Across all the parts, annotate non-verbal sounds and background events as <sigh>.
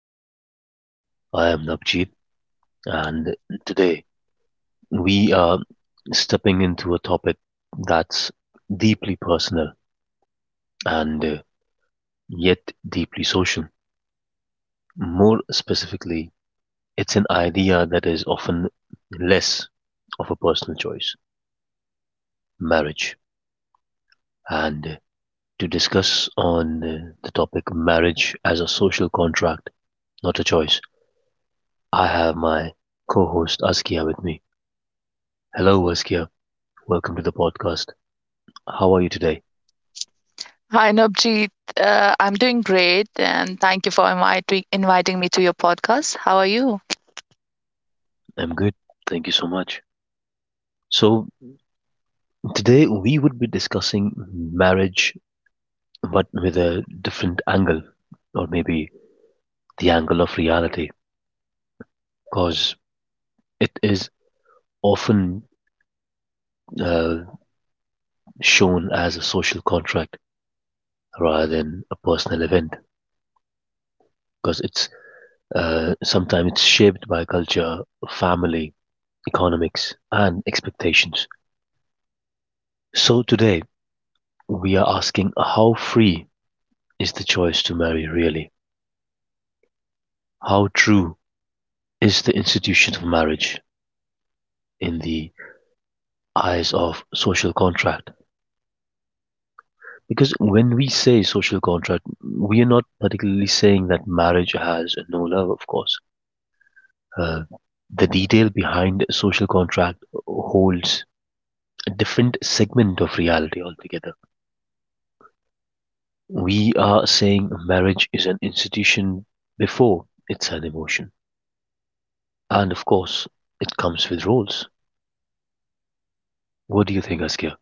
podcast. I am Navjeet, and today we are stepping into a topic that's deeply personal and yet deeply social. More specifically, it's an idea that is often less of a personal choice marriage. And To discuss on the topic marriage as a social contract, not a choice, I have my co host Askia with me. Hello, Askia. Welcome to the podcast. How are you today? Hi, Navjeet. I'm doing great, and thank you for inviting me to your podcast. How are you? I'm good. Thank you so much. So, today we would be discussing marriage, but with a different angle, or maybe the angle of reality, because it is often uh, shown as a social contract rather than a personal event, because it's sometimes it's shaped by culture, family, economics, and expectations. So, today we are asking how free is the choice to marry really? How true is the institution of marriage in the eyes of social contract? Because when we say social contract, we are not particularly saying that marriage has no love, of course. Uh, the detail behind social contract holds a different segment of reality altogether. We are saying marriage is an institution before it's an emotion. And of course, it comes with roles. What do you think, Askia?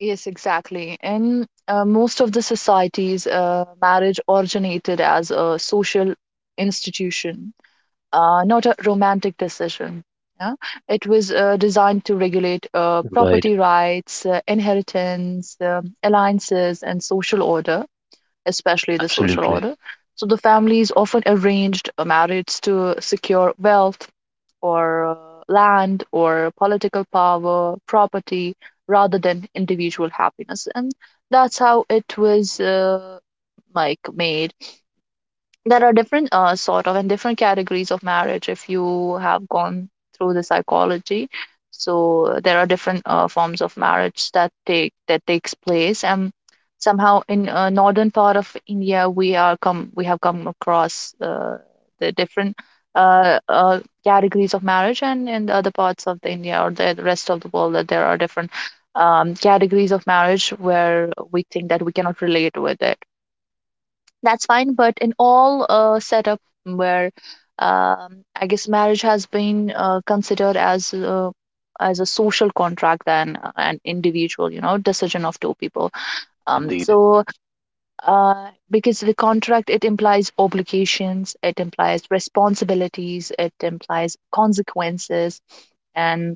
Yes, exactly. In most of the societies, marriage originated as a social institution, not a romantic decision. Yeah? It was designed to regulate Right. property rights, inheritance, alliances, and social order, especially the social Absolutely. order. So the families often arranged marriage to secure wealth, or land or political power, property, rather than individual happiness. And that's how it was like made. There are different sort of and different categories of marriage, if you have gone through the psychology. So there are different forms of marriage that takes place, and somehow in northern part of india we have come across the different categories of marriage, and in the other parts of the india or the rest of the world that there are different categories of marriage where we think that we cannot relate with it. That's fine, but in all setup where I guess marriage has been considered as a social contract than an individual you know decision of two people. um, Indeed. so because the contract, it implies obligations, it implies responsibilities, it implies consequences, and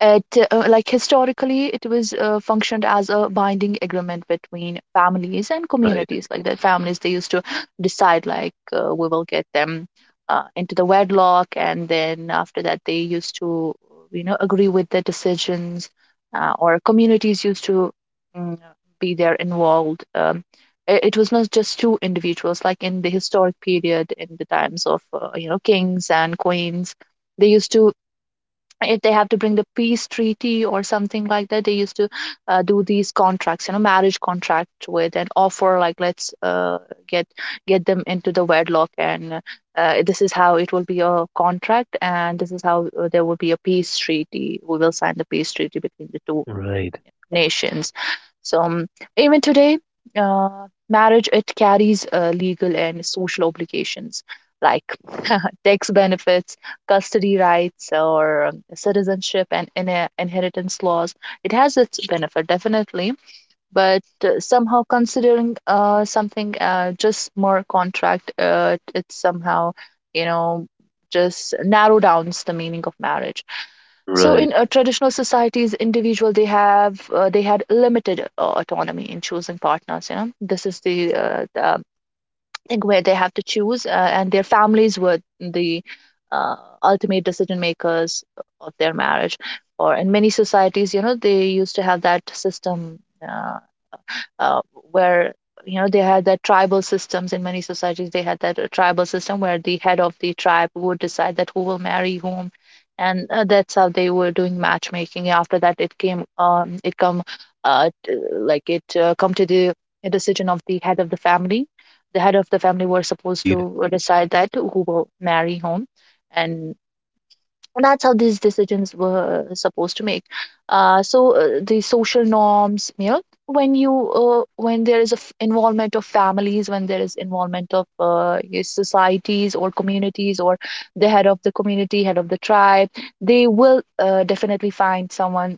it like historically it was functioned as a binding agreement between families and Right. communities. Like the families, they used to decide, like, we will get them into the wedlock, and then after that they used to, you know, agree with the decisions, or communities used to, mm, be there involved. It was not just two individuals. Like, in the historic period, in the times of you know kings and queens, they used to, if they have to bring the peace treaty or something like that, they used to do these contracts, you know, marriage contract, with and offer, like, let's get them into the wedlock, and this is how it will be a contract, and this is how there will be a peace treaty. We will sign the peace treaty between the two Right. nations. So even today marriage, it carries legal and social obligations, like tax benefits, custody rights, or citizenship and inheritance laws. It has its benefit, definitely, but somehow considering something just more contract, it's somehow, you know, just narrow downs the meaning of marriage. So Right. in traditional societies, individual they have they had limited autonomy in choosing partners. You know, this is the think where they have to choose, and their families were the uh, ultimate decision makers of their marriage. Or in many societies, you know, they used to have that system. Uh, uh, where, you know, they had that tribal systems. In many societies they had that tribal system where the head of the tribe would decide that who will marry whom, and that's how they were doing matchmaking. After that it came, it come like it come to the decision of the head of the family. The head of the family were supposed Indeed. to decide that who will marry whom, and that's how these decisions were supposed to make. The social norms, you know, when you when there is a involvement of families, when there is involvement of yes, societies or communities or the head of the community, head of the tribe, they will definitely find someone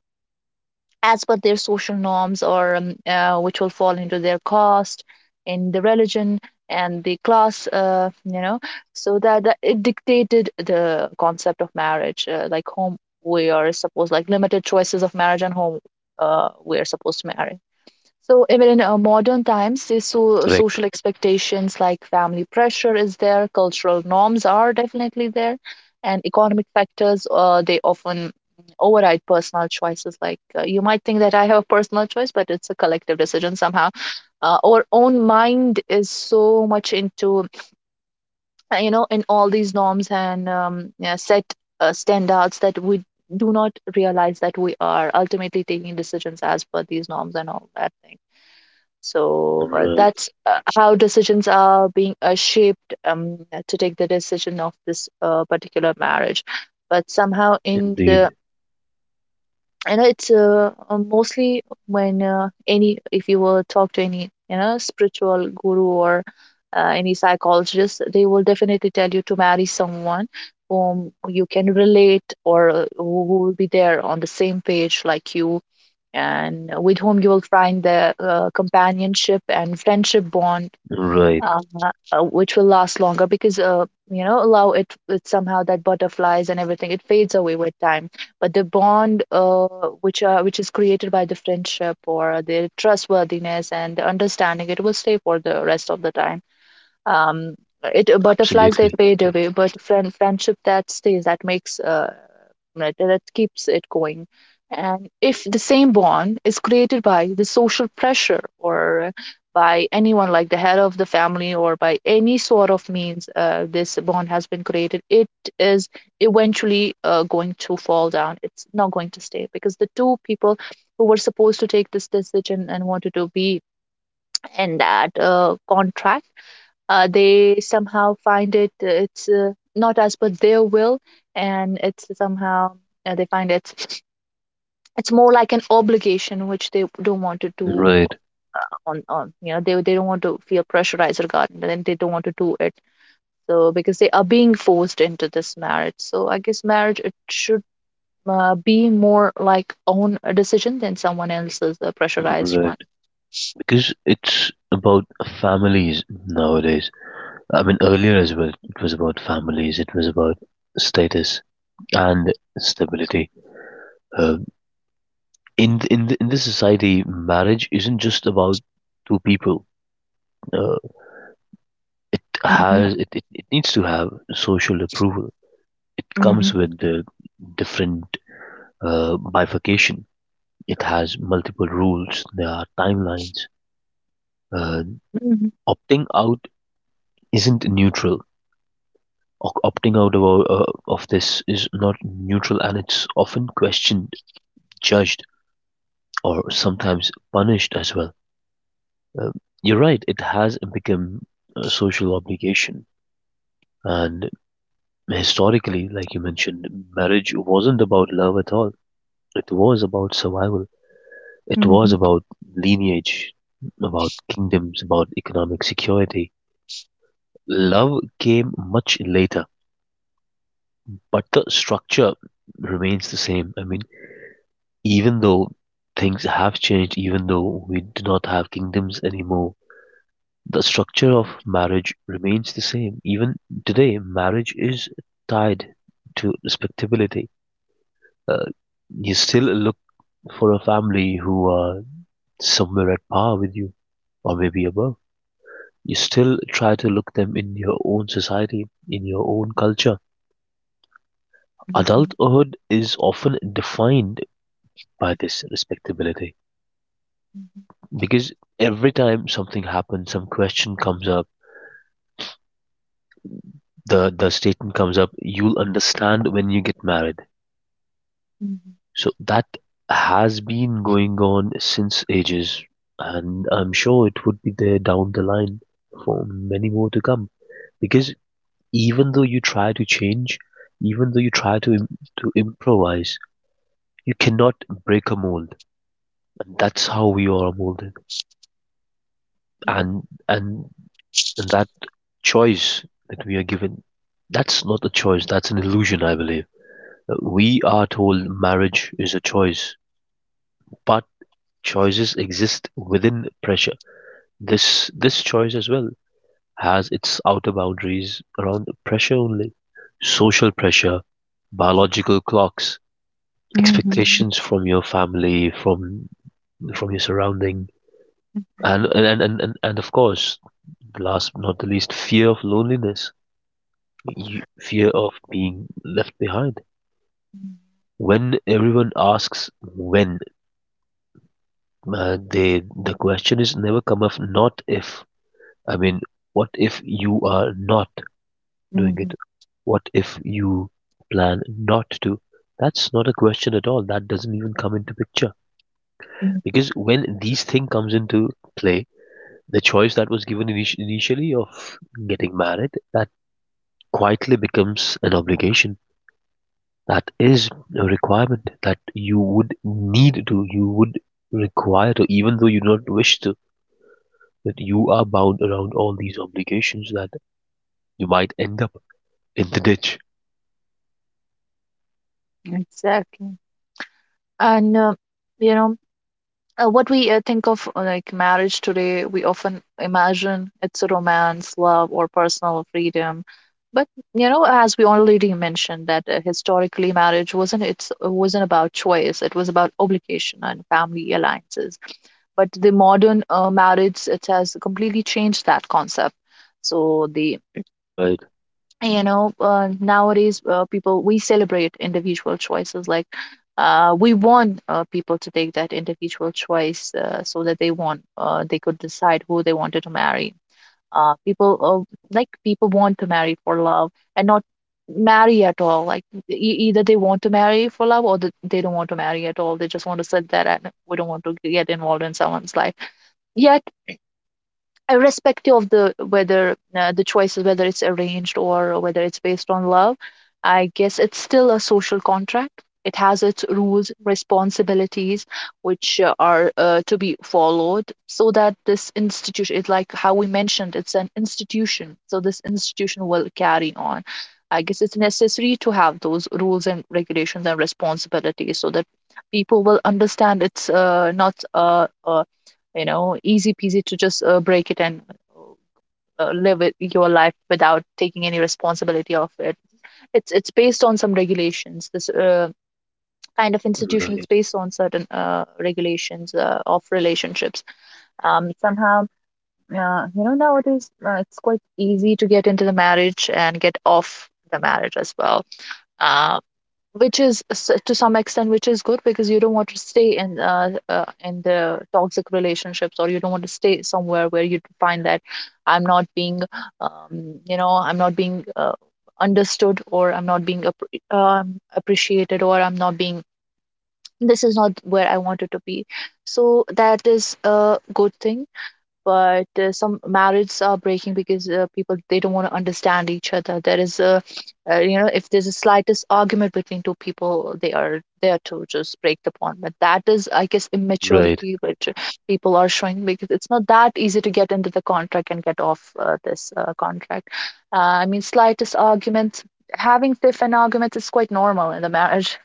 as per their social norms or which will fall into their caste, in the religion and the class, you know. So that it dictated the concept of marriage, like whom we are supposed, like limited choices of marriage, and whom we are supposed to marry. So even in modern times, these so Correct. social expectations, like family pressure is there, cultural norms are definitely there, and economic factors they often override personal choices. Like, you might think that I have a personal choice, but it's a collective decision somehow. Our own mind is so much into you know, in all these norms and yeah, set standards, that we do not realize that we are ultimately taking decisions as per these norms and all that thing. So Right. that's how decisions are being shaped to take the decision of this particular marriage. But somehow in the, Indeed. you know, it's mostly when any, if you were talk to any, you know, spiritual guru or any psychologist, they will definitely tell you to marry someone whom you can relate, or who will be there on the same page like you, and with whom you will find the companionship and friendship bond, Right. uh, which will last longer. Because you know allow it with somehow that butterflies and everything, it fades away with time, but the bond which is created by the friendship or the trustworthiness and the understanding, it will stay for the rest of the time. Um, it butterflies, they Absolutely. fade away, but friendship that stays, that makes right, that keeps it going. And if the same bond is created by the social pressure or by anyone, like the head of the family, or by any sort of means, this bond has been created, it is eventually going to fall down. It's not going to stay, because the two people who were supposed to take this decision and wanted to be in that contract, they somehow find it it's not as per their will, and it's somehow they find it's more like an obligation which they don't want to do Right. on, you know, they don't want to feel pressurized regarding that, and they don't want to do it. So because they are being forced into this marriage, so I guess marriage, it should be more like own decision than someone else's pressurized one. Right. Because it's about families nowadays. I mean, earlier as well, it was about families. It was about status and stability. Uh, in this society, marriage isn't just about two people. Uh, it Mhm, has it, it, it needs to have social approval. It mhm, comes with the different bifurcation. It has multiple rules. There are timelines. Uh, mhm, Opting out isn't neutral. Opting out of this is not neutral, and it's often questioned, judged, or sometimes punished as well. Uh, you're right. It has become a social obligation, and historically, like you mentioned, marriage wasn't about love at all. It was about survival. It was mhm, about lineage, about kingdoms, about economic security. Love came much later, but the structure remains the same. I mean, even though things have changed, even though we do not have kingdoms anymore, the structure of marriage remains the same. Even today, marriage is tied to respectability. Uh, you still look for a family who are somewhere at par with you, or maybe above. You still try to look them in your own society, in your own culture. mhm, Adulthood is often defined by this respectability because every time something happens, some question comes up, the statement comes up, you'll understand when you get married. mhm, So that has been going on since ages, and I'm sure it would be there down the line for many more to come. Because even though you try to change, even though you try to to improvise, you cannot break a mold, and that's how we are molded, and and that choice that we are given, that's not a choice, that's an illusion, I believe. We are told marriage is a choice, but choices exist within pressure. This choice as well has its outer boundaries around pressure only: social pressure, biological clocks, mhm, mhm. expectations from your family, from your surroundings, and of course, last but not the least, fear of loneliness, fear of being left behind. When everyone asks, when the question is never come up, not if, I mean, what if you are not doing it? Mhm. What if you plan not to? That's not a question at all. That doesn't even come into picture. Mm. Because when these thing comes into play, the choice that was given initially of getting married, that quietly becomes an obligation. That is a requirement that you would need to, you would require to, even though you do not wish to, that you are bound around all these obligations, that you might end up in the ditch. Exactly. And you know, what we think of like marriage today, we often imagine it's a romance, love, or personal freedom. But, you know, as we already mentioned, that historically marriage wasn't it's it wasn't about choice; it was about obligation and family alliances. But the modern marriage, it has completely changed that concept. So the, Right, you know, nowadays people, we celebrate individual choices. Like, we want people to take that individual choice, so that they want, they could decide who they wanted to marry. Uh, people like people want to marry for love and not marry at all. Like, either they want to marry for love, or they don't want to marry at all. They just want to sit there, and we don't want to get involved in someone's life. Yet irrespective of the whether the choice is, whether it's arranged or whether it's based on love, I guess it's still a social contract. It has its rules, responsibilities, which are to be followed, so that this institution is, like how we mentioned, it's an institution, so this institution will carry on. I guess it's necessary to have those rules and regulations and responsibilities, so that people will understand it's not a, a, you know, easy peasy to just break it and live it, your life, without taking any responsibility of it. It's based on some regulations. This kind of institution right, is based on certain regulations of relationships. Somehow, you know, nowadays it's quite easy to get into the marriage and get off the marriage as well. Uh, which is to some extent which is good, because you don't want to stay in the toxic relationships, or you don't want to stay somewhere where you find that I'm not being you know, I'm not being understood, or I'm not being appreciated, or I'm not being, this is not where I wanted to be. So that is a good thing. But some marriages are breaking because people, they don't want to understand each other. There is a you know, if there's a slightest argument between two people, they are there to just break the bond. But that is, I guess, right, immaturity which people are showing, because it's not that easy to get into the contract and get off this contract. Uh, I mean, slightest arguments, having stiff and arguments is quite normal in the marriage.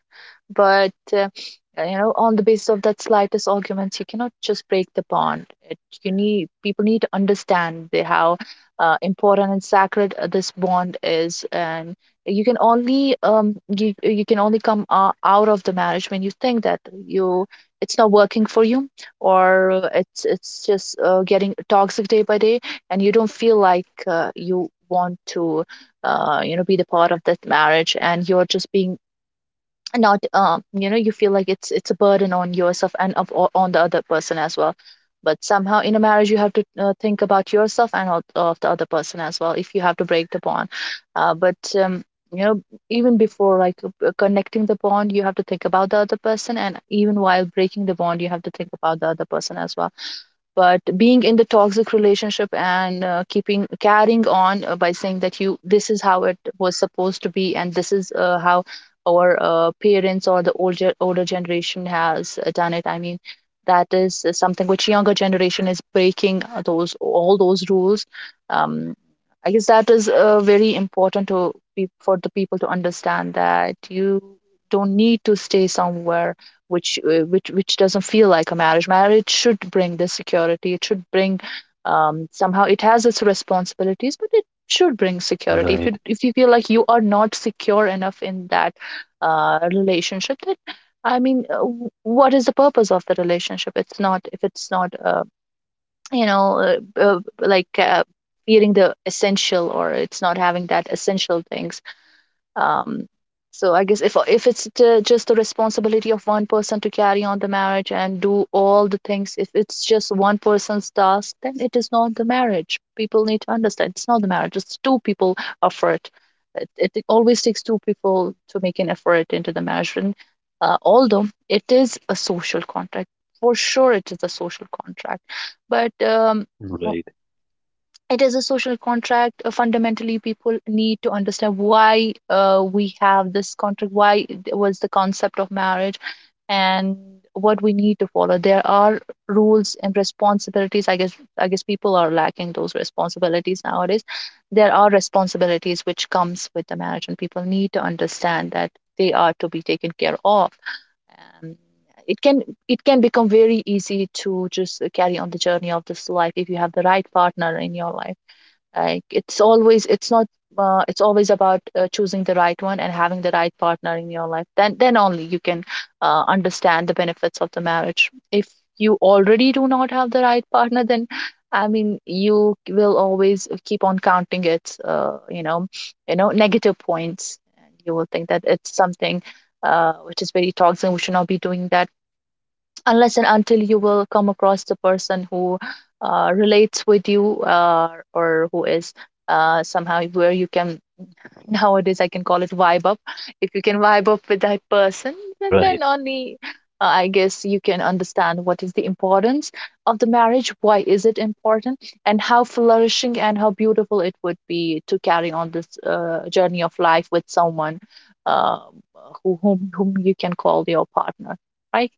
But you know, on the basis of that slightest arguments, you cannot just break the bond. It, you need People need to understand how important and sacred this bond is. And you can only you can only come out of the marriage when you think that you it's not working for you, or it's just getting toxic day by day, and you don't feel like you want to be the part of that marriage, and you're just being not. You feel like it's a burden on yourself and on the other person as well. But somehow in a marriage you have to think about yourself and of the other person as well if you have to break the bond. But um you know even before, like connecting the bond, you have to think about the other person, and even while breaking the bond you have to think about the other person as well. But being in the toxic relationship and keeping carrying on by saying that you this is how it was supposed to be, and this is how our parents or the older generation has done it, I mean, that is something which younger generation is breaking, those all those rules. um, I guess that is very important to, for the people to understand that you don't need to stay somewhere which doesn't feel like a marriage. Marriage should bring this security, it should bring, somehow it has its responsibilities, but it should bring security. If right, you feel like you are not secure enough in that relationship, then I mean, what is the purpose of the relationship? It's not If it's not, like feeling the essential, or it's not having that essential things. um, so I guess if it's t- just the responsibility of one person to carry on the marriage and do all the things, if it's just one person's task, then it is not the marriage. People need to understand it's not the marriage, it's two people effort. It always takes two people to make an effort into the marriage. And although it is a social contract, for sure it is a social contract, but right, it is a social contract. Fundamentally, people need to understand why we have this contract, why it was the concept of marriage, and what we need to follow. There are rules and responsibilities. I guess people are lacking those responsibilities nowadays. There are responsibilities which comes with the marriage, and people need to understand that they are to be taken care of. um, it can become very easy to just carry on the journey of this life if you have the right partner in your life. Like it's always, it's not it's always about choosing the right one and having the right partner in your life. Then only you can understand the benefits of the marriage. If you already do not have the right partner, then I mean, you will always keep on counting its negative points, and you will think that it's something which is very toxic. We should not be doing that, unless and until you will come across the person who relates with you, or who is somehow where you can <laughs> nowadays I can call it vibe up. If you can vibe up with that person, then right. only I guess you can understand what is the importance of the marriage, why is it important, and how flourishing and how beautiful it would be to carry on this journey of life with someone uh, whom you can call your partner. Right.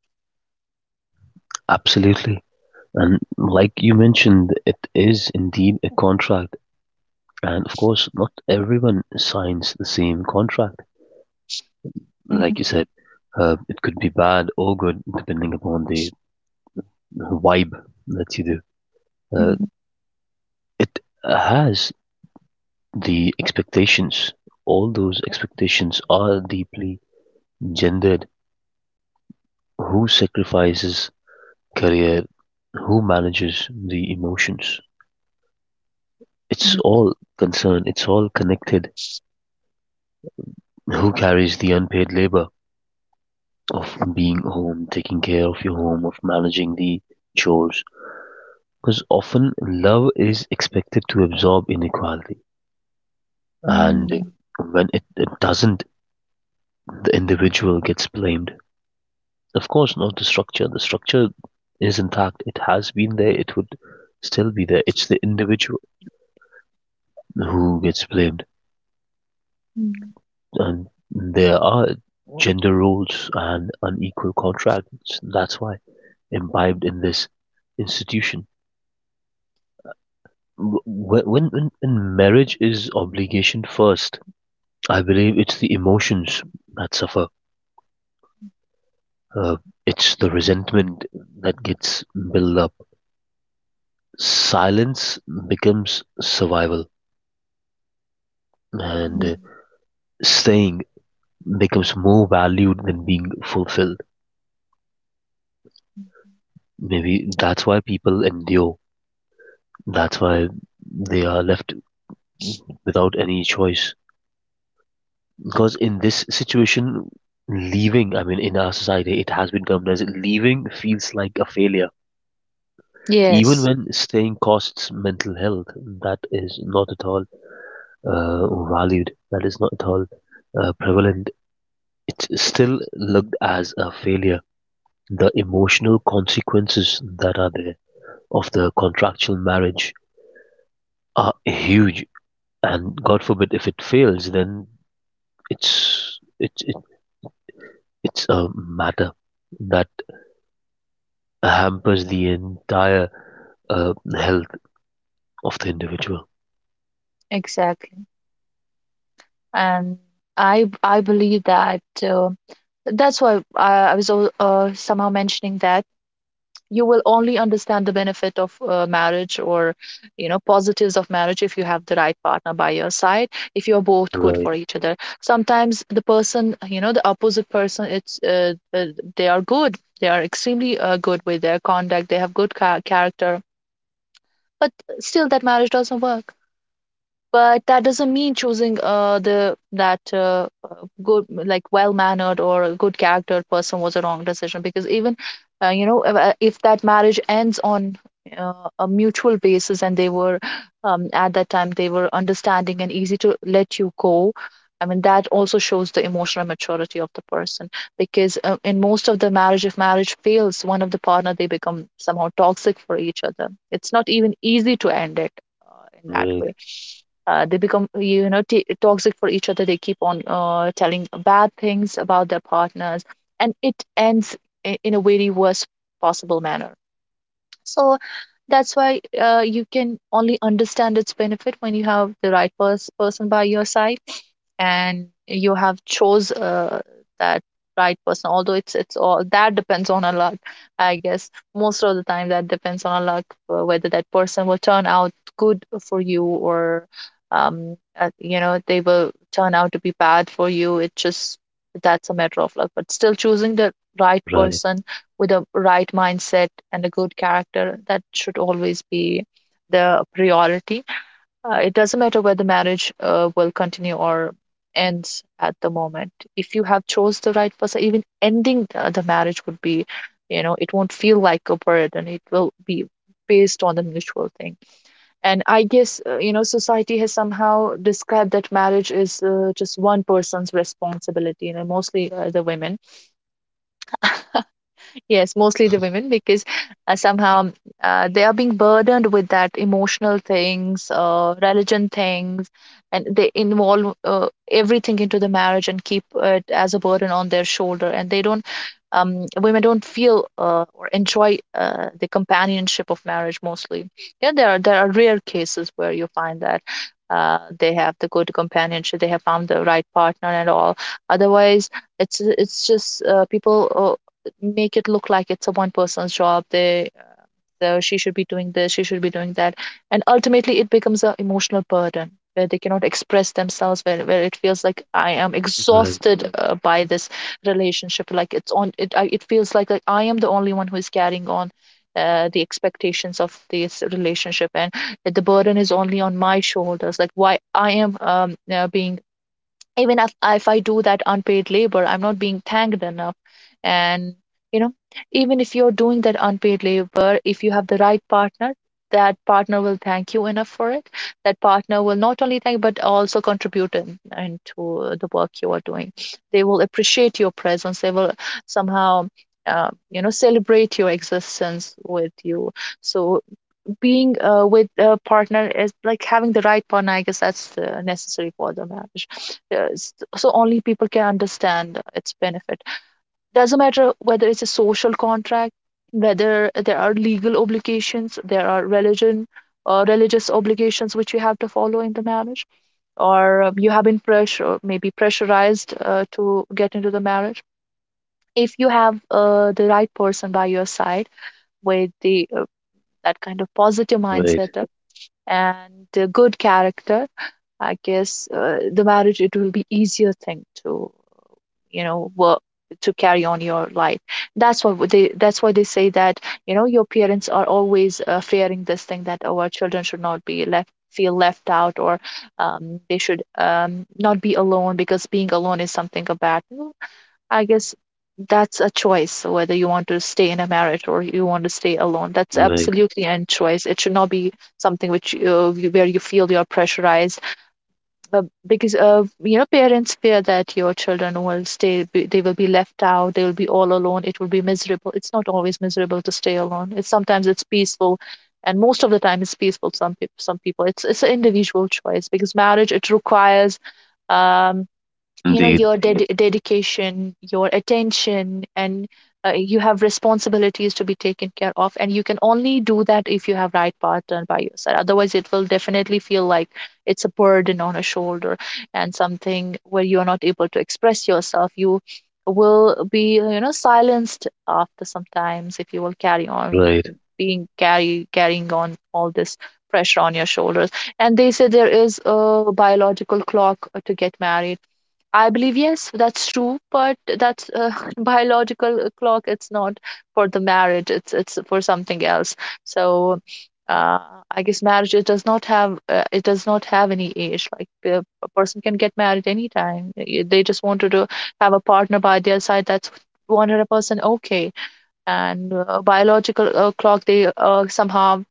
Absolutely. And like you mentioned, it is indeed a contract. And of course, not everyone signs the same contract. Like you said, it could be bad or good depending upon the vibe that you do. Uh, Mhm. it has the expectations. All those expectations are deeply gendered. Who sacrifices career? Who manages the emotions? It's all concerned. It's all connected. Who carries the unpaid labor of being home, taking care of your home, of managing the chores? Because often love is expected to absorb inequality, and Mhm. when it doesn't, the individual gets blamed. Of course, not the structure. The structure is intact, it has been there, it would still be there. It's the individual who gets blamed. Mhm. And there are gender roles and unequal contracts. That's why imbibed in this institution. When marriage is obligation first, I believe it's the emotions that suffer. Uh, it's the resentment that gets built up. Silence becomes survival, and staying becomes more valued than being fulfilled. Maybe that's why people endure. That's why they are left without any choice. Because in this situation, leaving, I mean, in our society, it has been termed as leaving feels like a failure. Even Yes, when staying costs mental health, that is not at all uh, valued, that is not at all prevalent. It's still looked as a failure. The emotional consequences that are there of the contractual marriage are huge, and God forbid if it fails, then it's it's it, it's a matter that hampers the entire health of the individual. exactly. And I believe that that's why, I somehow mentioning that you will only understand the benefit of marriage, or you know positives of marriage if you have the right partner by your side, if you're both good Right, for each other. Sometimes the person, you know, the opposite person, it's they are good. They are extremely good with their conduct. They have good character, but still that marriage doesn't work. But that doesn't mean choosing the that good, like well-mannered or a good charactered person, was a wrong decision, because even if that marriage ends on a mutual basis, and they were at that time they were understanding and easy to let you go. I mean, that also shows the emotional maturity of the person, because in most of the marriage, if marriage fails, one of the partner, they become somehow toxic for each other. It's not even easy to end it in that right, way. They become, you know, toxic for each other. They keep on telling bad things about their partners, and it ends in a very worst possible manner. So that's why you can only understand its benefit when you have the right person by your side, and you have chose that right person, although it's all, that depends on a luck. I guess most of the time that depends on a luck, whether that person will turn out good for you, or they will turn out to be bad for you. It just, that's a matter of luck, but still, choosing the right right, person with a right mindset and a good character, that should always be the priority. It doesn't matter whether marriage will continue or ends at the moment. If you have chose the right person, even ending the marriage would be, you know, it won't feel like a burden. It will be based on the mutual thing. And I guess, society has somehow described that marriage is just one person's responsibility, you know, mostly the women. Yes, mostly the women, because somehow they are being burdened with that emotional things, religion things, and they involve everything into the marriage and keep it as a burden on their shoulder. And they don't, women don't feel or enjoy the companionship of marriage mostly. Yeah, there are rare cases where you find that they have the good companionship, they have found the right partner and all. Otherwise, it's just people make it look like it's a one person's job. She should be doing this, she should be doing that, and ultimately it becomes an emotional burden where they cannot express themselves, where it feels like I am right. exhausted by this relationship. Like it's on it, it feels like I am the only one who is carrying on the expectations of this relationship, and the burden is only on my shoulders. Like why I am being, even if I do that unpaid labor, I'm not being thanked enough. And you know, even if you're doing that unpaid labor, if you have the right partner, that partner will thank you enough for it. That partner will not only thank but also contribute into the work you are doing. They will appreciate your presence, they will somehow celebrate your existence with you. So being with a partner is like having the right partner. I guess that's necessary for the marriage. So only people can understand its benefit. Doesn't matter whether it's a social contract, whether there are legal obligations, there are religion or religious obligations which you have to follow in the marriage, or you have been pressure or maybe pressurized to get into the marriage. If you have the right person by your side, with the that kind of positive Right, mindset and a good character, I guess the marriage, it will be easier thing to, you know, work to carry on your life. That's why they say that, you know, your parents are always fearing this thing that, oh, our children should not be left, feel left out, or they should not be alone, because being alone is something bad. I guess that's a choice, whether you want to stay in a marriage or you want to stay alone. That's right, absolutely a choice. It should not be something which where you feel you're pressurized, because parents fear that your children will they will be left out, they will be all alone, it will be miserable. It's not always miserable to stay alone, it's sometimes it's peaceful. And most of the time it's peaceful. Some people, it's an individual choice, because marriage, it requires, um you know, indeed, your dedication, your attention, and you have responsibilities to be taken care of, and you can only do that if you have right partner by your side. Otherwise, it will definitely feel like it's a burden on a shoulder, and something where you are not able to express yourself. You will be, you know, silenced after sometimes if you will carry on right, being carry carrying on all this pressure on your shoulders. And they say there is a biological clock to get married. I believe, yes, that's true, but that's <laughs> biological clock. It's not for the marriage. It's for something else. So, uh, I guess marriage, it does not have any age. Like, a person can get married anytime. They just wanted to have a partner by their side. That's 100% okay. And biological clock, they somehow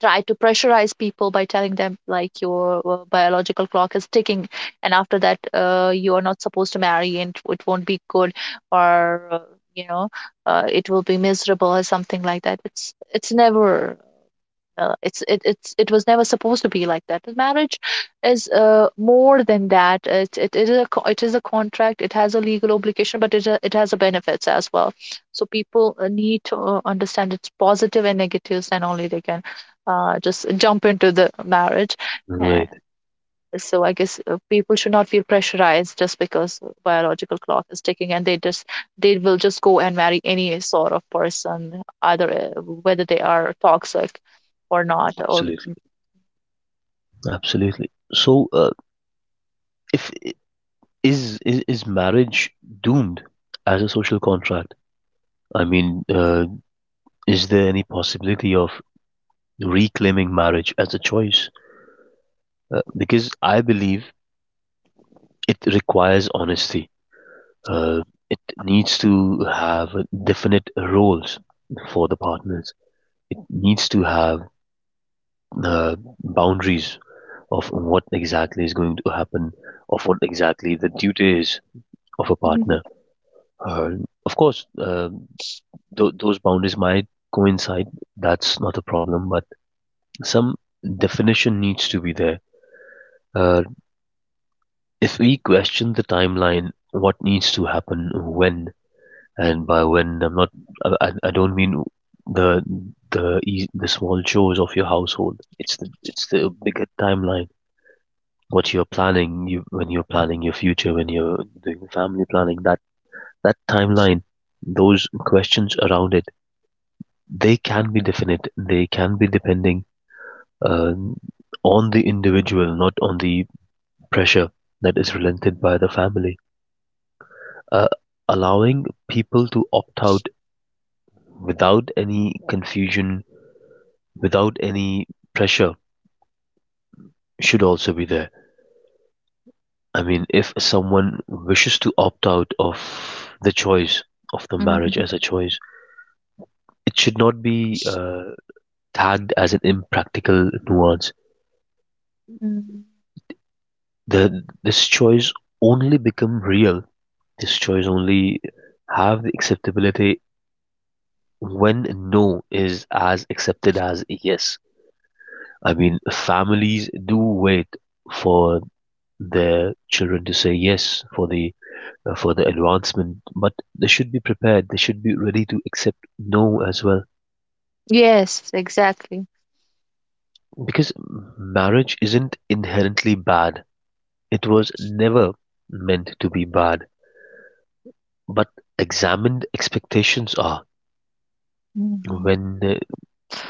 try to pressurize people by telling them, like, your biological clock is ticking, and after that you are not supposed to marry, and it won't be good, or you know it will be miserable or something like that. It's it's never uh, it's it, it's it was never supposed to be like that. The marriage is more than that. It is a contract, it has a legal obligation, but it has a benefits as well. So people need to understand its positive and negatives, and only they can just jump into the marriage. right, So I guess people should not feel pressurized just because biological clock is ticking, and they will just go and marry any sort of person, either whether they are toxic or not. Or. absolutely, absolutely. So, if I- is marriage doomed as a social contract? I mean, is there any possibility of reclaiming marriage as a choice? Because I believe it requires honesty. Uh, it needs to have definite roles for the partners. It needs to have uh, boundaries of what exactly is going to happen, of what exactly the duty is of a Mhm, partner. Uh, of course, those boundaries might coincide. That's not a problem, but some definition needs to be there. Uh, if we question the timeline, what needs to happen when, and by when, I'm not. I don't mean the the small chores of your household. It's the, it's the bigger timeline, what you're planning, you, when you're planning your future, when you're doing family planning, that that timeline, those questions around it, they can be definite, they can be depending uh, on the individual, not on the pressure that is relented by the family. uh, Allowing people to opt out without any confusion, without any pressure should also be there. I mean, if someone wishes to opt out of the choice, of the marriage mhm, as a choice, it should not be tagged as an impractical nuance. mhm. The this choice only become real. This choice only have the acceptability when no is as accepted as yes. I mean, families do wait for their children to say yes for the advancement, but they should be prepared. They should be ready to accept no as well, Yes, exactly. because marriage isn't inherently bad. It was never meant to be bad, but examined expectations are. Mhm, When uh,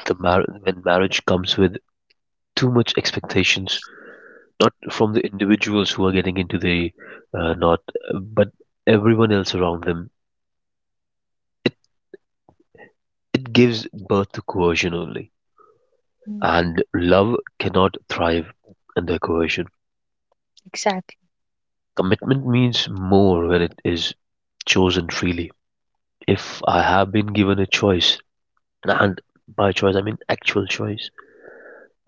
the mar- when marriage comes with too much expectations, not from the individuals who are getting into the knot, but everyone else around them, it it gives birth to coercion only. mhm, And love cannot thrive under coercion. exactly. Commitment means more when it is chosen freely. If I have been given a choice, and by choice, I mean actual choice,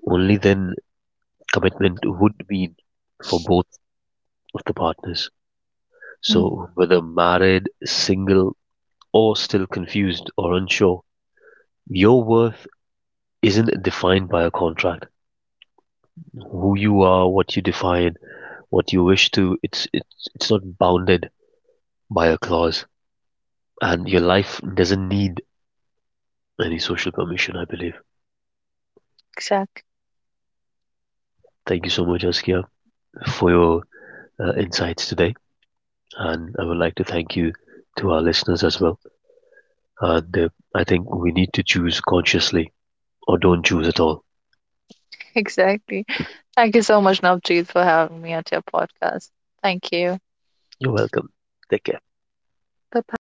only then commitment would mean for both of the partners. Mhm. So, whether married, single, or still confused or unsure, your worth isn't defined by a contract. Who you are, what you define, what you wish to, it's not bounded by a clause. And your life doesn't need any social permission, I believe. Exactly. Thank you so much, Askia, for your insights today. And I would like to thank you to our listeners as well. And I think we need to choose consciously or don't choose at all. <laughs> Exactly. Thank you so much, Navjeet, for having me at your podcast. Thank you. You're welcome. Take care. Bye bye.